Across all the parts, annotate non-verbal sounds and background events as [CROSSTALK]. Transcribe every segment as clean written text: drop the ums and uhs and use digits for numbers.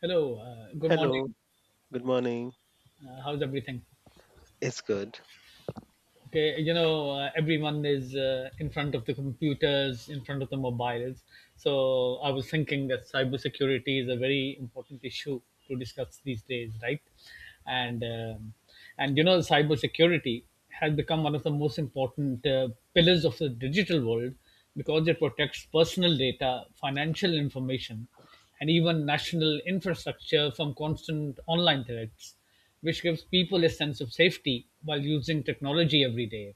Hello, good Hello, morning. good morning. How's everything? It's good. Okay, you know, everyone is in front of the computers, in front of the mobiles. So I was thinking that cybersecurity is a very important issue to discuss these days, right? And um, and you know, cybersecurity has become one of the most important pillars of the digital world because it protects personal data, financial information, and even national infrastructure from constant online threats, which gives people a sense of safety while using technology every day.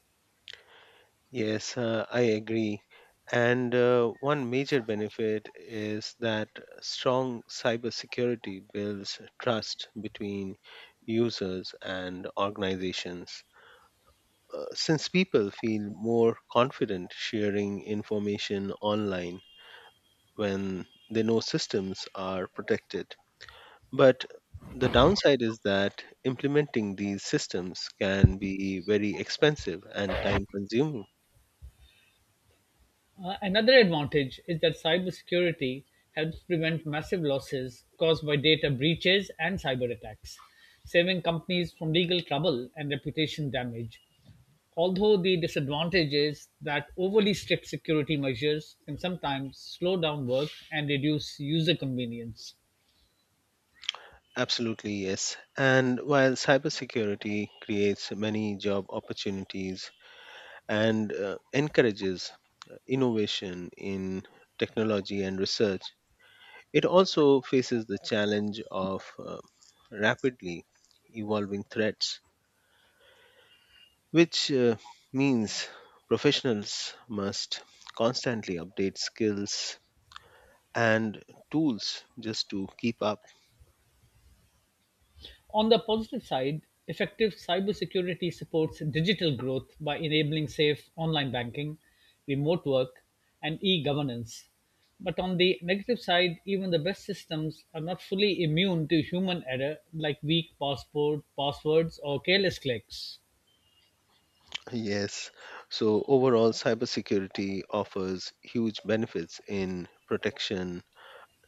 Yes, I agree. And one major benefit is that strong cybersecurity builds trust between users and organizations. Since people feel more confident sharing information online when they know systems are protected. But the downside is that implementing these systems can be very expensive and time consuming. Another advantage is that cybersecurity helps prevent massive losses caused by data breaches and cyber attacks, saving companies from legal trouble and reputation damage. Although the disadvantage is that overly strict security measures can sometimes slow down work and reduce user convenience. Absolutely, yes. And while cybersecurity creates many job opportunities and encourages innovation in technology and research, it also faces the challenge of rapidly evolving threats, which means professionals must constantly update skills and tools just to keep up. On the positive side, effective cybersecurity supports digital growth by enabling safe online banking, remote work, and e governance. But on the negative side, even the best systems are not fully immune to human error like weak passport, passwords, or careless clicks. Yes. So overall, cybersecurity offers huge benefits in protection,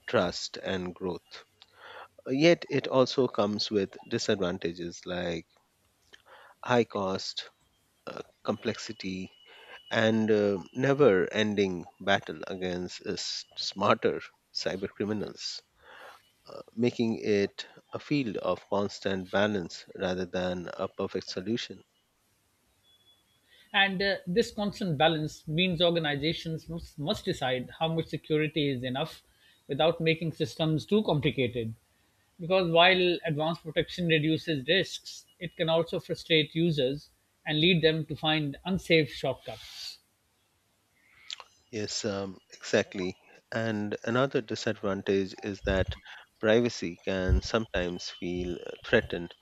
trust, and growth. Yet it also comes with disadvantages like high cost, complexity, and never ending battle against smarter cyber criminals, making it a field of constant balance rather than a perfect solution. And this constant balance means organizations must decide how much security is enough without making systems too complicated. Because while advanced protection reduces risks, it can also frustrate users and lead them to find unsafe shortcuts. Yes, exactly. And another disadvantage is that privacy can sometimes feel threatened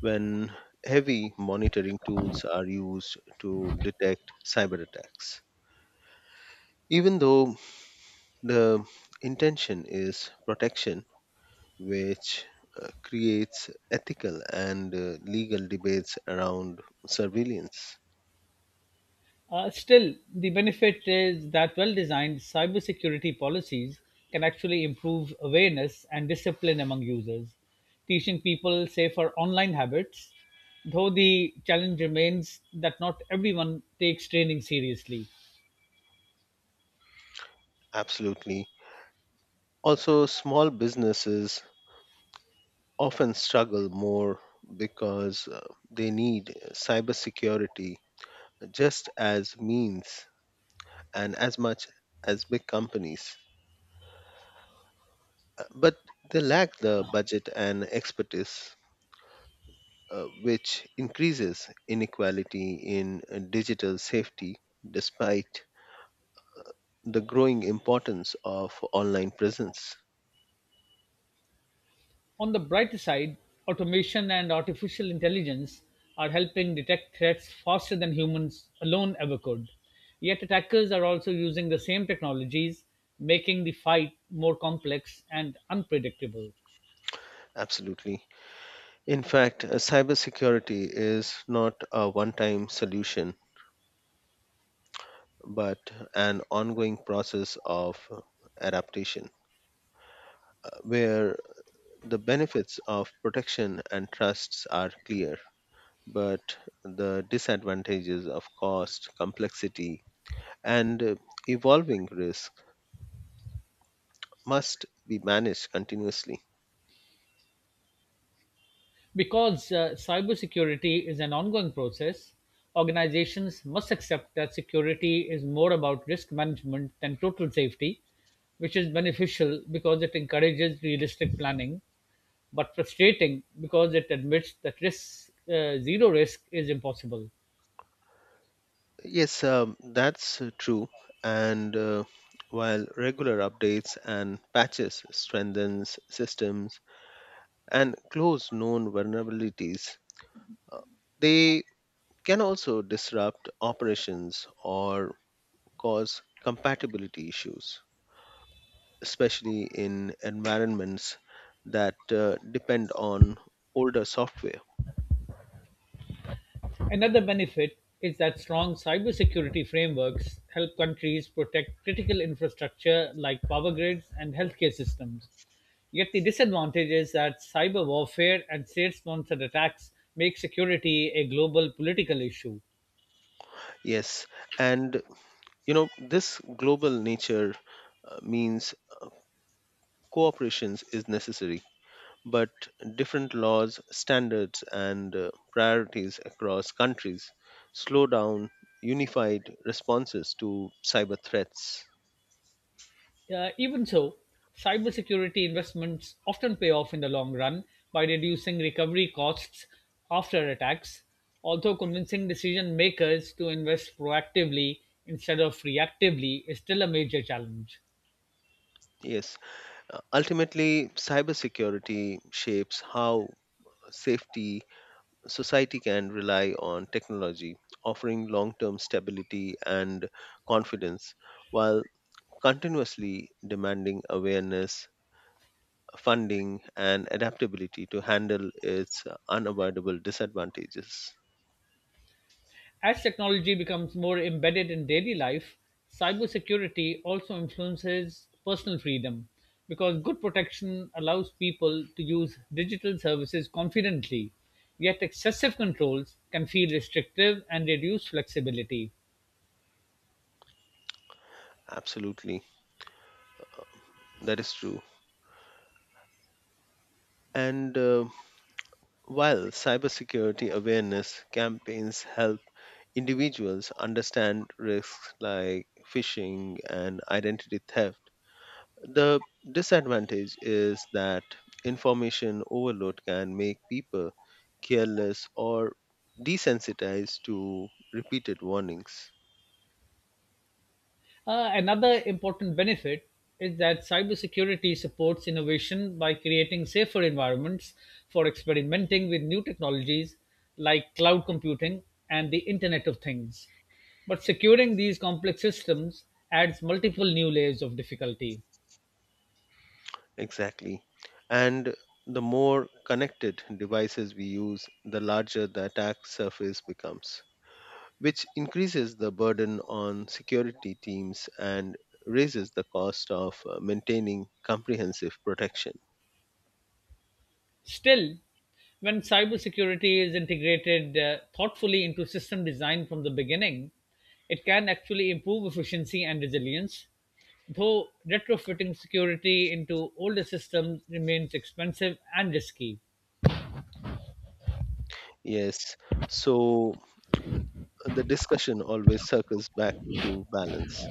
when heavy monitoring tools are used to detect cyber attacks. Even though the intention is protection, which creates ethical and legal debates around surveillance. Still, the benefit is that well designed cybersecurity policies can actually improve awareness and discipline among users, teaching people safer online habits. Though the challenge remains that not everyone takes training seriously. Absolutely. Also, small businesses often struggle more because they need cybersecurity just as means and as much as big companies. But they lack the budget and expertise, which increases inequality in digital safety despite the growing importance of online presence. On the brighter side, automation and artificial intelligence are helping detect threats faster than humans alone ever could. Yet attackers are also using the same technologies, making the fight more complex and unpredictable. Absolutely. In fact, cybersecurity is not a one time solution but an ongoing process of adaptation where the benefits of protection and trusts are clear, but the disadvantages of cost, complexity, and evolving risk must be managed continuously. Because cybersecurity is an ongoing process, organizations must accept that security is more about risk management than total safety, which is beneficial because it encourages realistic planning but frustrating because it admits that zero risk is impossible. Yes, that's true. And while regular updates and patches strengthens systems and close known vulnerabilities, uh, they can also disrupt operations or cause compatibility issues, especially in environments that depend on older software. Another benefit is that strong cybersecurity frameworks help countries protect critical infrastructure like power grids and healthcare systems. Yet the disadvantage is that cyber warfare and state-sponsored attacks make security a global political issue. Yes, and you know, this global nature means cooperation is necessary, but different laws, standards, and priorities across countries slow down unified responses to cyber threats. Even so, cybersecurity investments often pay off in the long run by reducing recovery costs after attacks, although convincing decision makers to invest proactively instead of reactively is still a major challenge. Yes, ultimately, cybersecurity shapes how safety society can rely on technology, offering long term stability and confidence while continuously demanding awareness, funding, and adaptability to handle its unavoidable disadvantages. As technology becomes more embedded in daily life, cybersecurity also influences personal freedom because good protection allows people to use digital services confidently, yet excessive controls can feel restrictive and reduce flexibility. Absolutely, that is true. And while cybersecurity awareness campaigns help individuals understand risks like phishing and identity theft. The disadvantage is that information overload can make people careless or desensitized to repeated warnings. Another important benefit is that cybersecurity supports innovation by creating safer environments for experimenting with new technologies like cloud computing and the Internet of Things. But securing these complex systems adds multiple new layers of difficulty. Exactly. And the more connected devices we use, the larger the attack surface becomes, which increases the burden on security teams and raises the cost of maintaining comprehensive protection. Still, when cybersecurity is integrated thoughtfully into system design from the beginning, it can actually improve efficiency and resilience. Though retrofitting security into older systems remains expensive and risky. Yes, so the discussion always circles back to balance,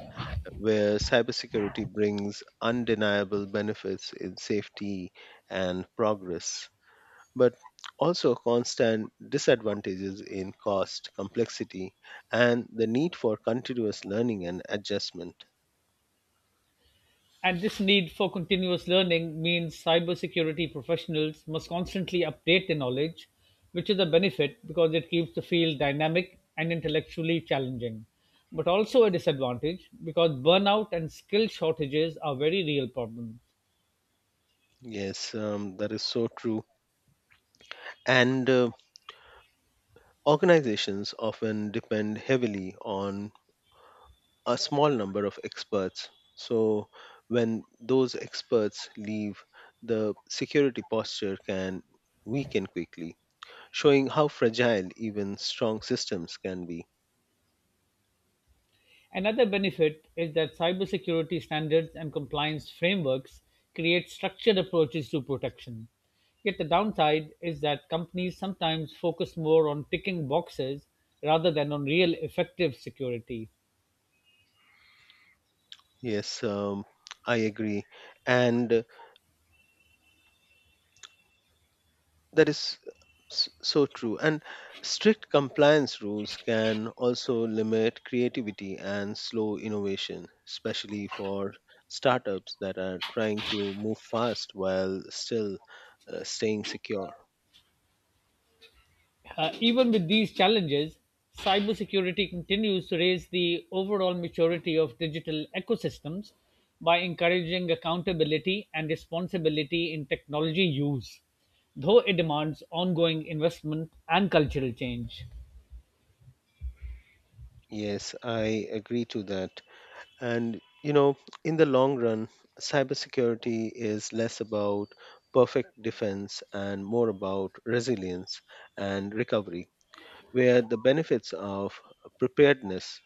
where cybersecurity brings undeniable benefits in safety and progress, but also constant disadvantages in cost, complexity, and the need for continuous learning and adjustment. And this need for continuous learning means cybersecurity professionals must constantly update their knowledge, which is a benefit because it keeps the field dynamic and intellectually challenging, but also a disadvantage because burnout and skill shortages are very real problem. Yes, that is so true. And organizations often depend heavily on a small number of experts. So, when those experts leave, the security posture can weaken quickly, showing how fragile even strong systems can be. Another benefit is that cybersecurity standards and compliance frameworks create structured approaches to protection. Yet the downside is that companies sometimes focus more on ticking boxes rather than on real effective security. Yes, I agree. And That is s- so true. And strict compliance rules can also limit creativity and slow innovation, especially for startups that are trying to move fast while still staying secure. Even with these challenges, cybersecurity continues to raise the overall maturity of digital ecosystems by encouraging accountability and responsibility in technology use, though it demands ongoing investment and cultural change. Yes, I agree to that. And, you know, in the long run, cybersecurity is less about perfect defense and more about resilience and recovery, where the benefits of preparedness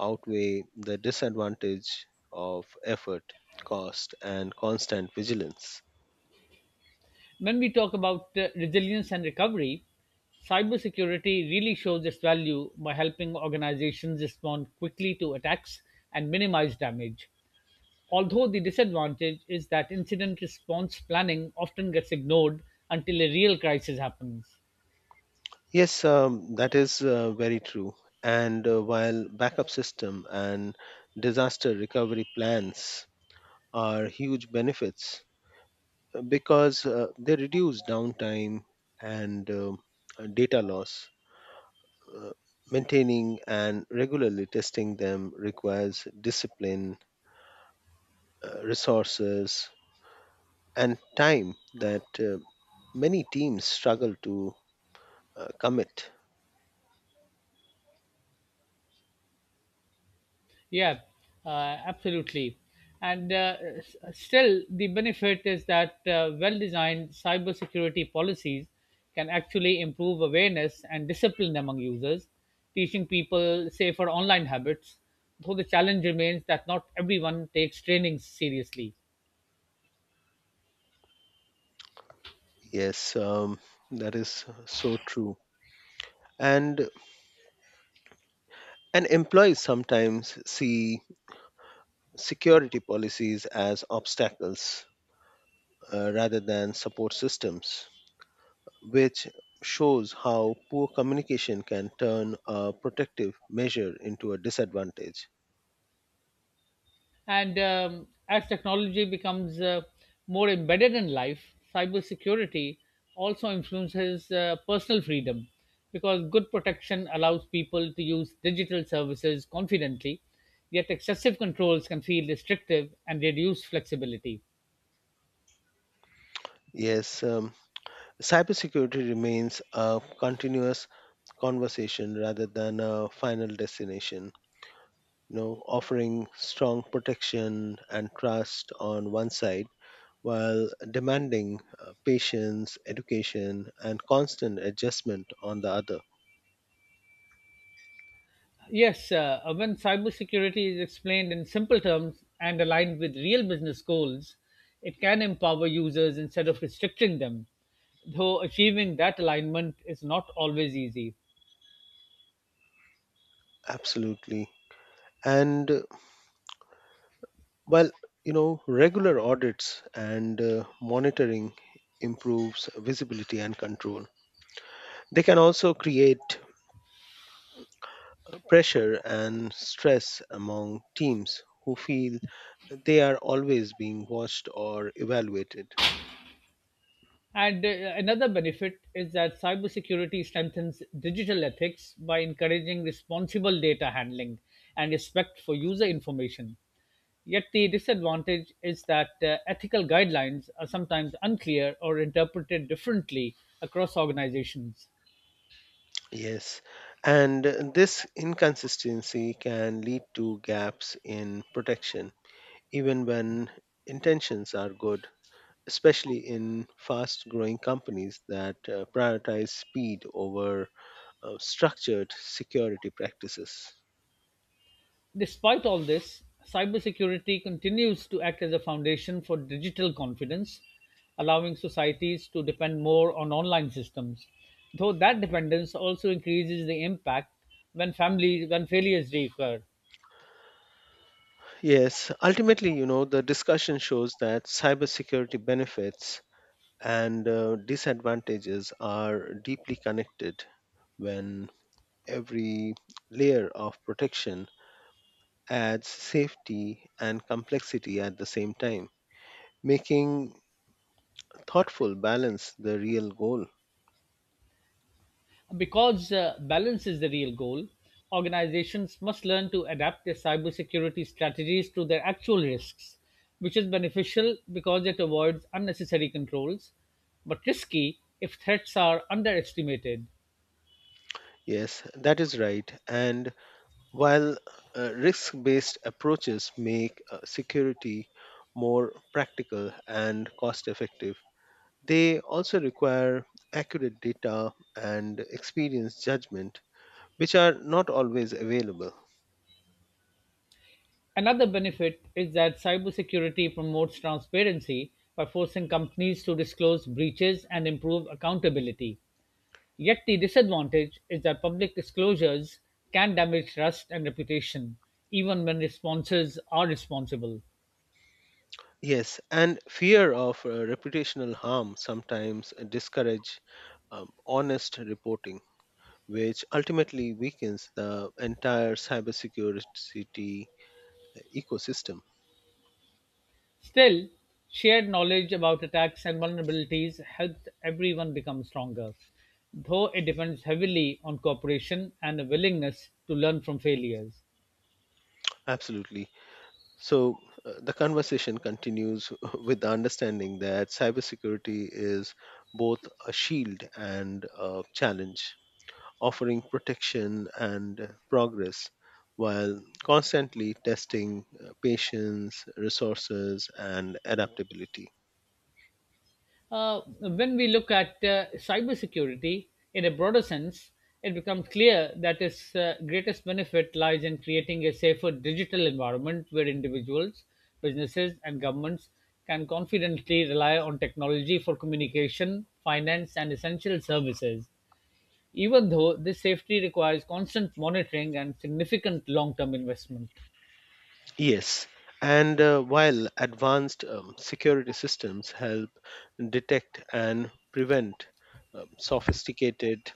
outweigh the disadvantage of effort, cost, and constant vigilance. When we talk about resilience and recovery, cybersecurity really shows its value by helping organizations respond quickly to attacks and minimize damage. Although the disadvantage is that incident response planning often gets ignored until a real crisis happens. Yes, that is very true. And while backup system and disaster recovery plans are huge benefits because they reduce downtime and data loss, uh, maintaining and regularly testing them requires discipline, resources, and time that many teams struggle to commit. Yeah, uh, absolutely. And still, the benefit is that well designed cybersecurity policies can actually improve awareness and discipline among users, teaching people safer online habits. Though the challenge remains that not everyone takes training seriously. Yes, that is so true. And and employees sometimes see security policies as obstacles rather than support systems, which shows how poor communication can turn a protective measure into a disadvantage. And As technology becomes more embedded in life, cybersecurity also influences personal freedom because good protection allows people to use digital services confidently, yet excessive controls can feel restrictive and reduce flexibility. Yes, cybersecurity remains a continuous conversation rather than a final destination, you know, offering strong protection and trust on one side while demanding patience, education, and constant adjustment on the other. Yes, when cybersecurity is explained in simple terms and aligned with real business goals, it can empower users instead of restricting them, though achieving that alignment is not always easy. Absolutely. And well, you know, regular audits and monitoring improves visibility and control. They can also create pressure and stress among teams who feel they are always being watched or evaluated. And another benefit is that cybersecurity strengthens digital ethics by encouraging responsible data handling and respect for user information. Yet the disadvantage is that ethical guidelines are sometimes unclear or interpreted differently across organizations. Yes, and this inconsistency can lead to gaps in protection, even when intentions are good, especially in fast growing companies that prioritize speed over structured security practices. Despite all this, cybersecurity continues to act as a foundation for digital confidence, allowing societies to depend more on online systems. Though that dependence also increases the impact when family when failures reoccur. Yes, ultimately, you know, the discussion shows that cybersecurity benefits and disadvantages are deeply connected when every layer of protection adds safety and complexity at the same time, making thoughtful balance the real goal. Because balance is the real goal, organizations must learn to adapt their cybersecurity strategies to their actual risks, which is beneficial because it avoids unnecessary controls, but risky if threats are underestimated. Yes, that is right. And while risk based approaches make security more practical and cost effective, they also require accurate data and experienced judgment which are not always available. Another benefit is that cybersecurity promotes transparency by forcing companies to disclose breaches and improve accountability. Yet the disadvantage is that public disclosures can damage trust and reputation, even when responses are responsible. Yes, and fear of reputational harm sometimes discourage honest reporting, which ultimately weakens the entire cybersecurity ecosystem. Still, shared knowledge about attacks and vulnerabilities helps everyone become stronger, though it depends heavily on cooperation and a willingness to learn from failures. Absolutely. So the conversation continues [LAUGHS] with the understanding that cybersecurity is both a shield and a challenge, offering protection and progress while constantly testing patience, resources, and adaptability. When we look at cybersecurity in a broader sense, it becomes clear that its greatest benefit lies in creating a safer digital environment where individuals, businesses, and governments can confidently rely on technology for communication, finance, and essential services, even though this safety requires constant monitoring and significant long term investment. Yes, and while advanced security systems help detect and prevent sophisticated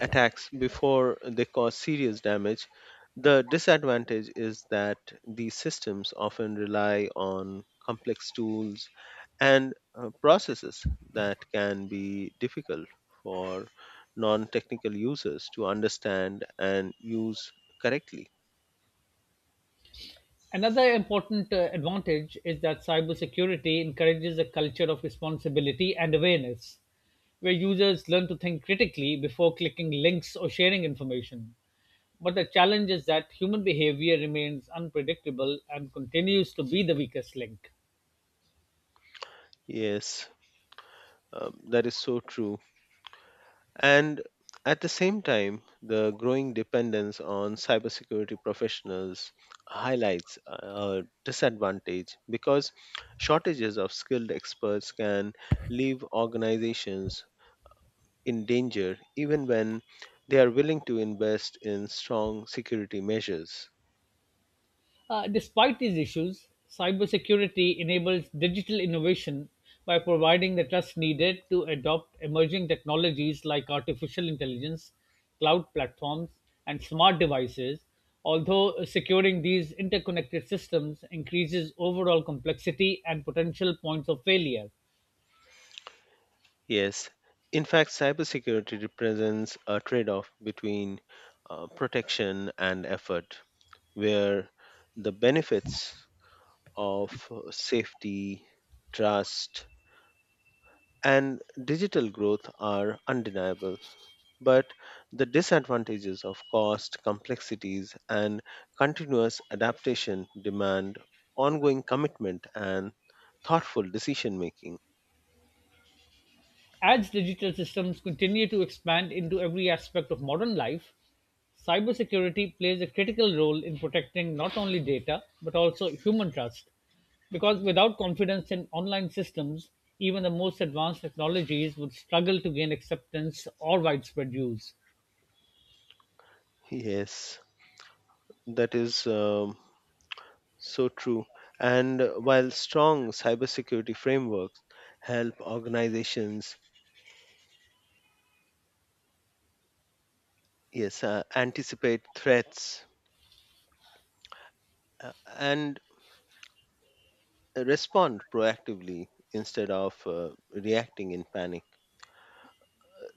attacks before they cause serious damage. The disadvantage is that these systems often rely on complex tools and processes that can be difficult for non technical users to understand and use correctly. Another important advantage is that cybersecurity encourages a culture of responsibility and awareness, where users learn to think critically before clicking links or sharing information. But the challenge is that human behavior remains unpredictable and continues to be the weakest link. Yes, that is so true. And at the same time, the growing dependence on cybersecurity professionals highlights a disadvantage because shortages of skilled experts can leave organizations in danger even when they are willing to invest in strong security measures. Despite these issues, cybersecurity enables digital innovation by providing the trust needed to adopt emerging technologies like artificial intelligence, cloud platforms, and smart devices, although securing these interconnected systems increases overall complexity and potential points of failure. Yes, in fact, cybersecurity represents a trade off between protection and effort, where the benefits of safety, trust, and digital growth are undeniable, but the disadvantages of cost, complexities, and continuous adaptation demand ongoing commitment and thoughtful decision making. As digital systems continue to expand into every aspect of modern life, cybersecurity plays a critical role in protecting not only data but also human trust because without confidence in online systems even the most advanced technologies would struggle to gain acceptance or widespread use. Yes, that is so true. And while strong cybersecurity frameworks help organizations, yes, anticipate threats and respond proactively instead of reacting in panic.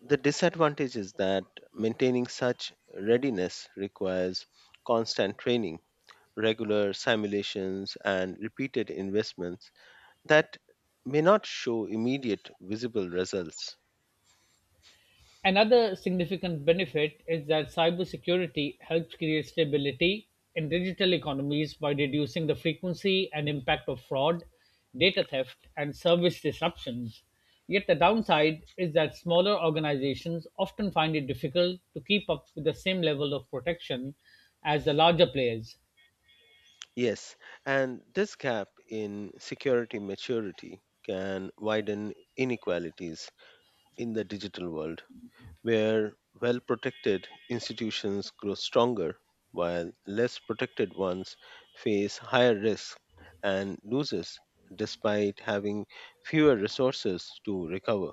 The disadvantage is that maintaining such readiness requires constant training, regular simulations, and repeated investments that may not show immediate visible results. Another significant benefit is that cybersecurity helps create stability in digital economies by reducing the frequency and impact of fraud, data theft, and service disruptions. Yet the downside is that smaller organizations often find it difficult to keep up with the same level of protection as the larger players. Yes, and this gap in security maturity can widen inequalities in the digital world, where well protected institutions grow stronger, while less protected ones face higher risk and losses despite having fewer resources to recover.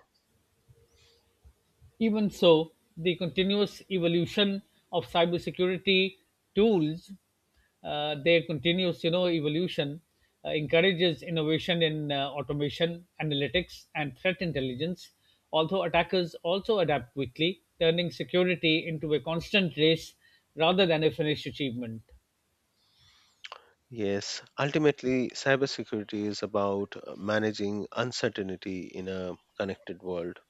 Even so, the continuous evolution of cybersecurity tools, their continuous you know evolution encourages innovation in automation, analytics, and threat intelligence. Although attackers also adapt quickly, turning security into a constant race rather than a finished achievement. Yes, ultimately, cybersecurity is about managing uncertainty in a connected world,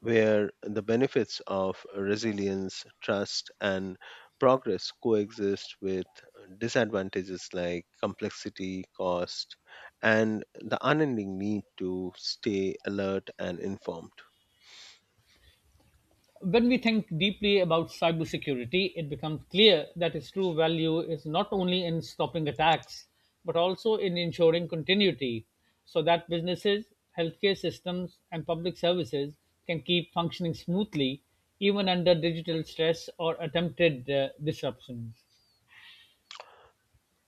where the benefits of resilience, trust, and progress coexist with disadvantages like complexity, cost, and the unending need to stay alert and informed. When we think deeply about cybersecurity, it becomes clear that its true value is not only in stopping attacks, but also in ensuring continuity so that businesses, healthcare systems, and public services can keep functioning smoothly even under digital stress or attempted disruptions.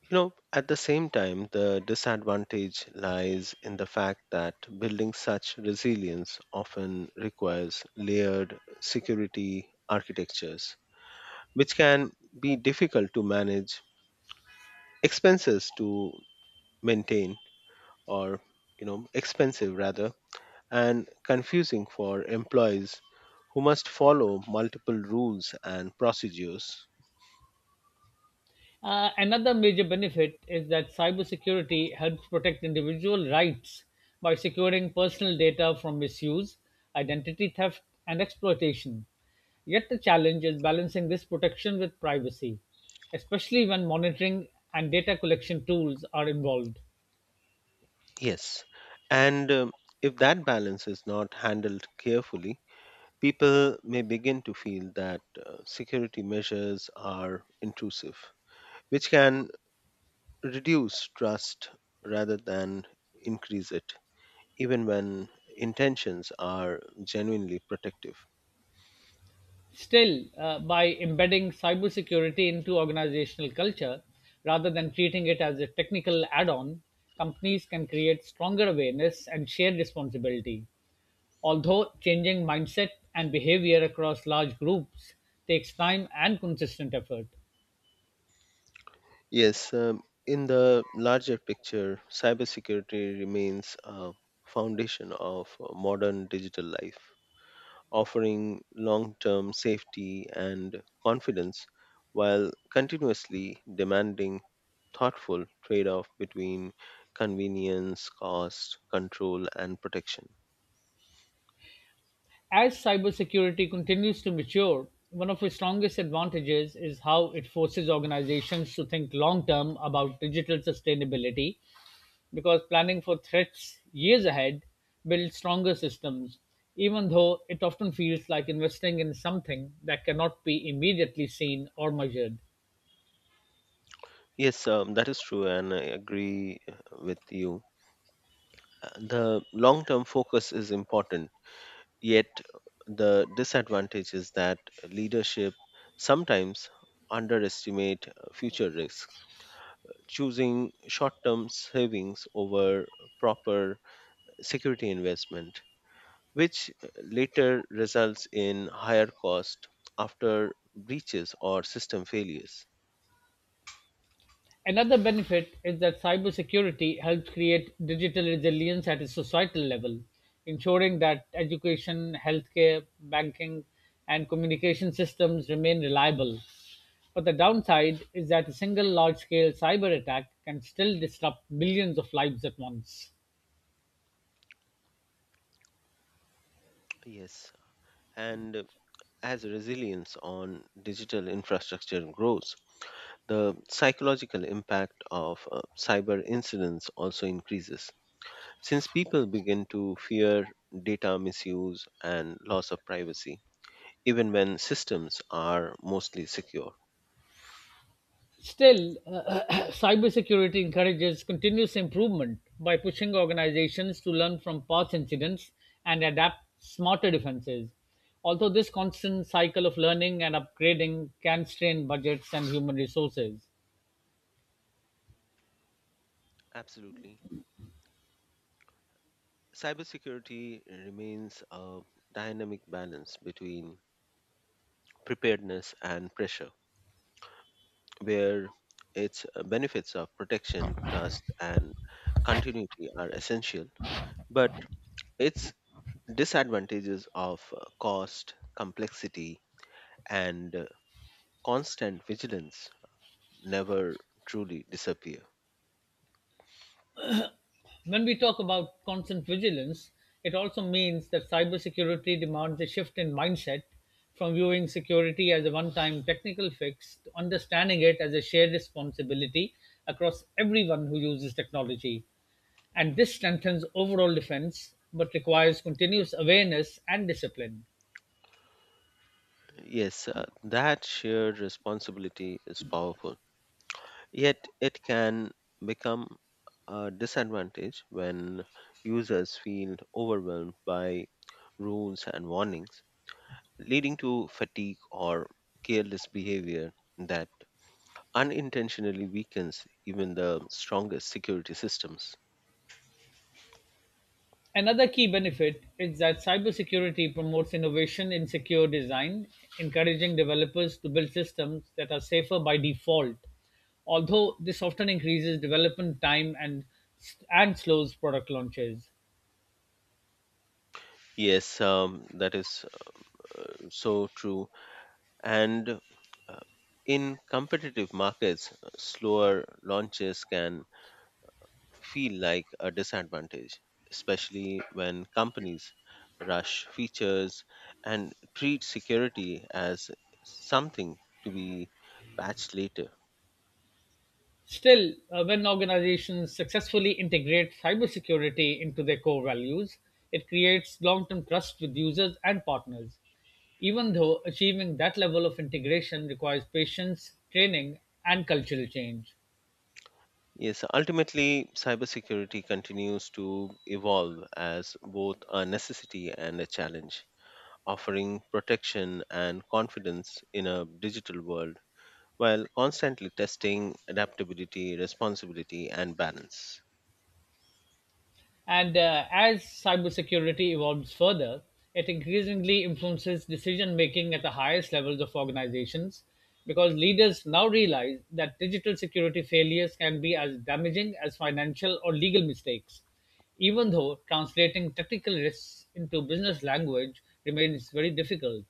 You know, at the same time, the disadvantage lies in the fact that building such resilience often requires layered security architectures, which can be difficult to manage expenses to maintain, or you know expensive rather, and confusing for employees who must follow multiple rules and procedures. Another major benefit is that cybersecurity helps protect individual rights by securing personal data from misuse, identity theft, and exploitation. Yet the challenge is balancing this protection with privacy, especially when monitoring and data collection tools are involved. Yes, and if that balance is not handled carefully, people may begin to feel that security measures are intrusive, which can reduce trust rather than increase it, even when intentions are genuinely protective. Still, by embedding cybersecurity into organizational culture rather than treating it as a technical add on, companies can create stronger awareness and shared responsibility. Although changing mindset and behavior across large groups takes time and consistent effort. Yes, in the larger picture, cybersecurity remains a foundation of modern digital life, offering long term safety and confidence while continuously demanding thoughtful trade off between convenience, cost, control, and protection. As cybersecurity continues to mature, one of its strongest advantages is how it forces organizations to think long term about digital sustainability because planning for threats years ahead builds stronger systems, even though it often feels like investing in something that cannot be immediately seen or measured. Yes, that is true, and I agree with you. The long term focus is important. Yet, the disadvantage is that leadership sometimes underestimate future risk, choosing short-term savings over proper security investment, which later results in higher cost after breaches or system failures. Another benefit is that cybersecurity helps create digital resilience at a societal level, ensuring that education, healthcare, banking, and communication systems remain reliable. But the downside is that a single large scale cyber attack can still disrupt millions of lives at once. Yes, and as resilience on digital infrastructure grows, the psychological impact of cyber incidents also increases since people begin to fear data misuse and loss of privacy, even when systems are mostly secure. Still, [CLEARS THROAT] cybersecurity encourages continuous improvement by pushing organizations to learn from past incidents and adapt smarter defenses. Although this constant cycle of learning and upgrading can strain budgets and human resources. Absolutely. Cybersecurity remains a dynamic balance between preparedness and pressure, where its benefits of protection, trust, and continuity are essential, but its disadvantages of cost, complexity, and constant vigilance never truly disappear. When we talk about constant vigilance, it also means that cybersecurity demands a shift in mindset from viewing security as a one time technical fix to understanding it as a shared responsibility across everyone who uses technology. And this strengthens overall defense but requires continuous awareness and discipline. Yes, that shared responsibility is powerful, yet, it can become a disadvantage when users feel overwhelmed by rules and warnings, leading to fatigue or careless behavior that unintentionally weakens even the strongest security systems. Another key benefit is that cybersecurity promotes innovation in secure design, encouraging developers to build systems that are safer by default. Although this often increases development time and slows product launches. Yes, that is so true. And uh, in competitive markets, slower launches can feel like a disadvantage, especially when companies rush features and treat security as something to be patched later. Still, when organizations successfully integrate cybersecurity into their core values, it creates long-term trust with users and partners. Even though achieving that level of integration requires patience, training, and cultural change. Yes, ultimately, cybersecurity continues to evolve as both a necessity and a challenge, offering protection and confidence in a digital world while constantly testing adaptability, responsibility, and balance. And As cybersecurity evolves further, it increasingly influences decision making at the highest levels of organizations because leaders now realize that digital security failures can be as damaging as financial or legal mistakes, even though translating technical risks into business language remains very difficult.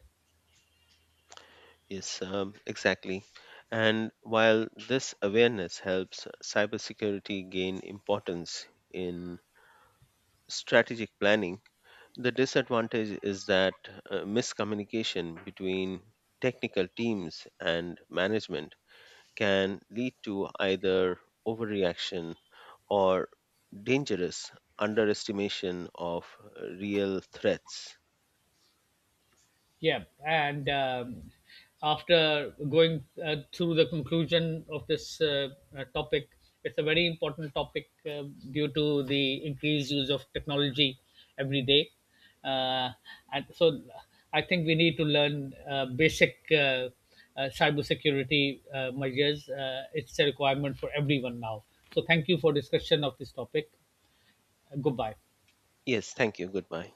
Yes, exactly. And while this awareness helps cybersecurity gain importance in strategic planning, the disadvantage is that miscommunication between technical teams and management can lead to either overreaction or dangerous underestimation of real threats. Yeah, and After going through the conclusion of this topic, it's a very important topic due to the increased use of technology every day. Uh, and so I think we need to learn basic cybersecurity measures. It's a requirement for everyone now. So thank you for discussion of this topic. Goodbye. Yes, thank you. Goodbye.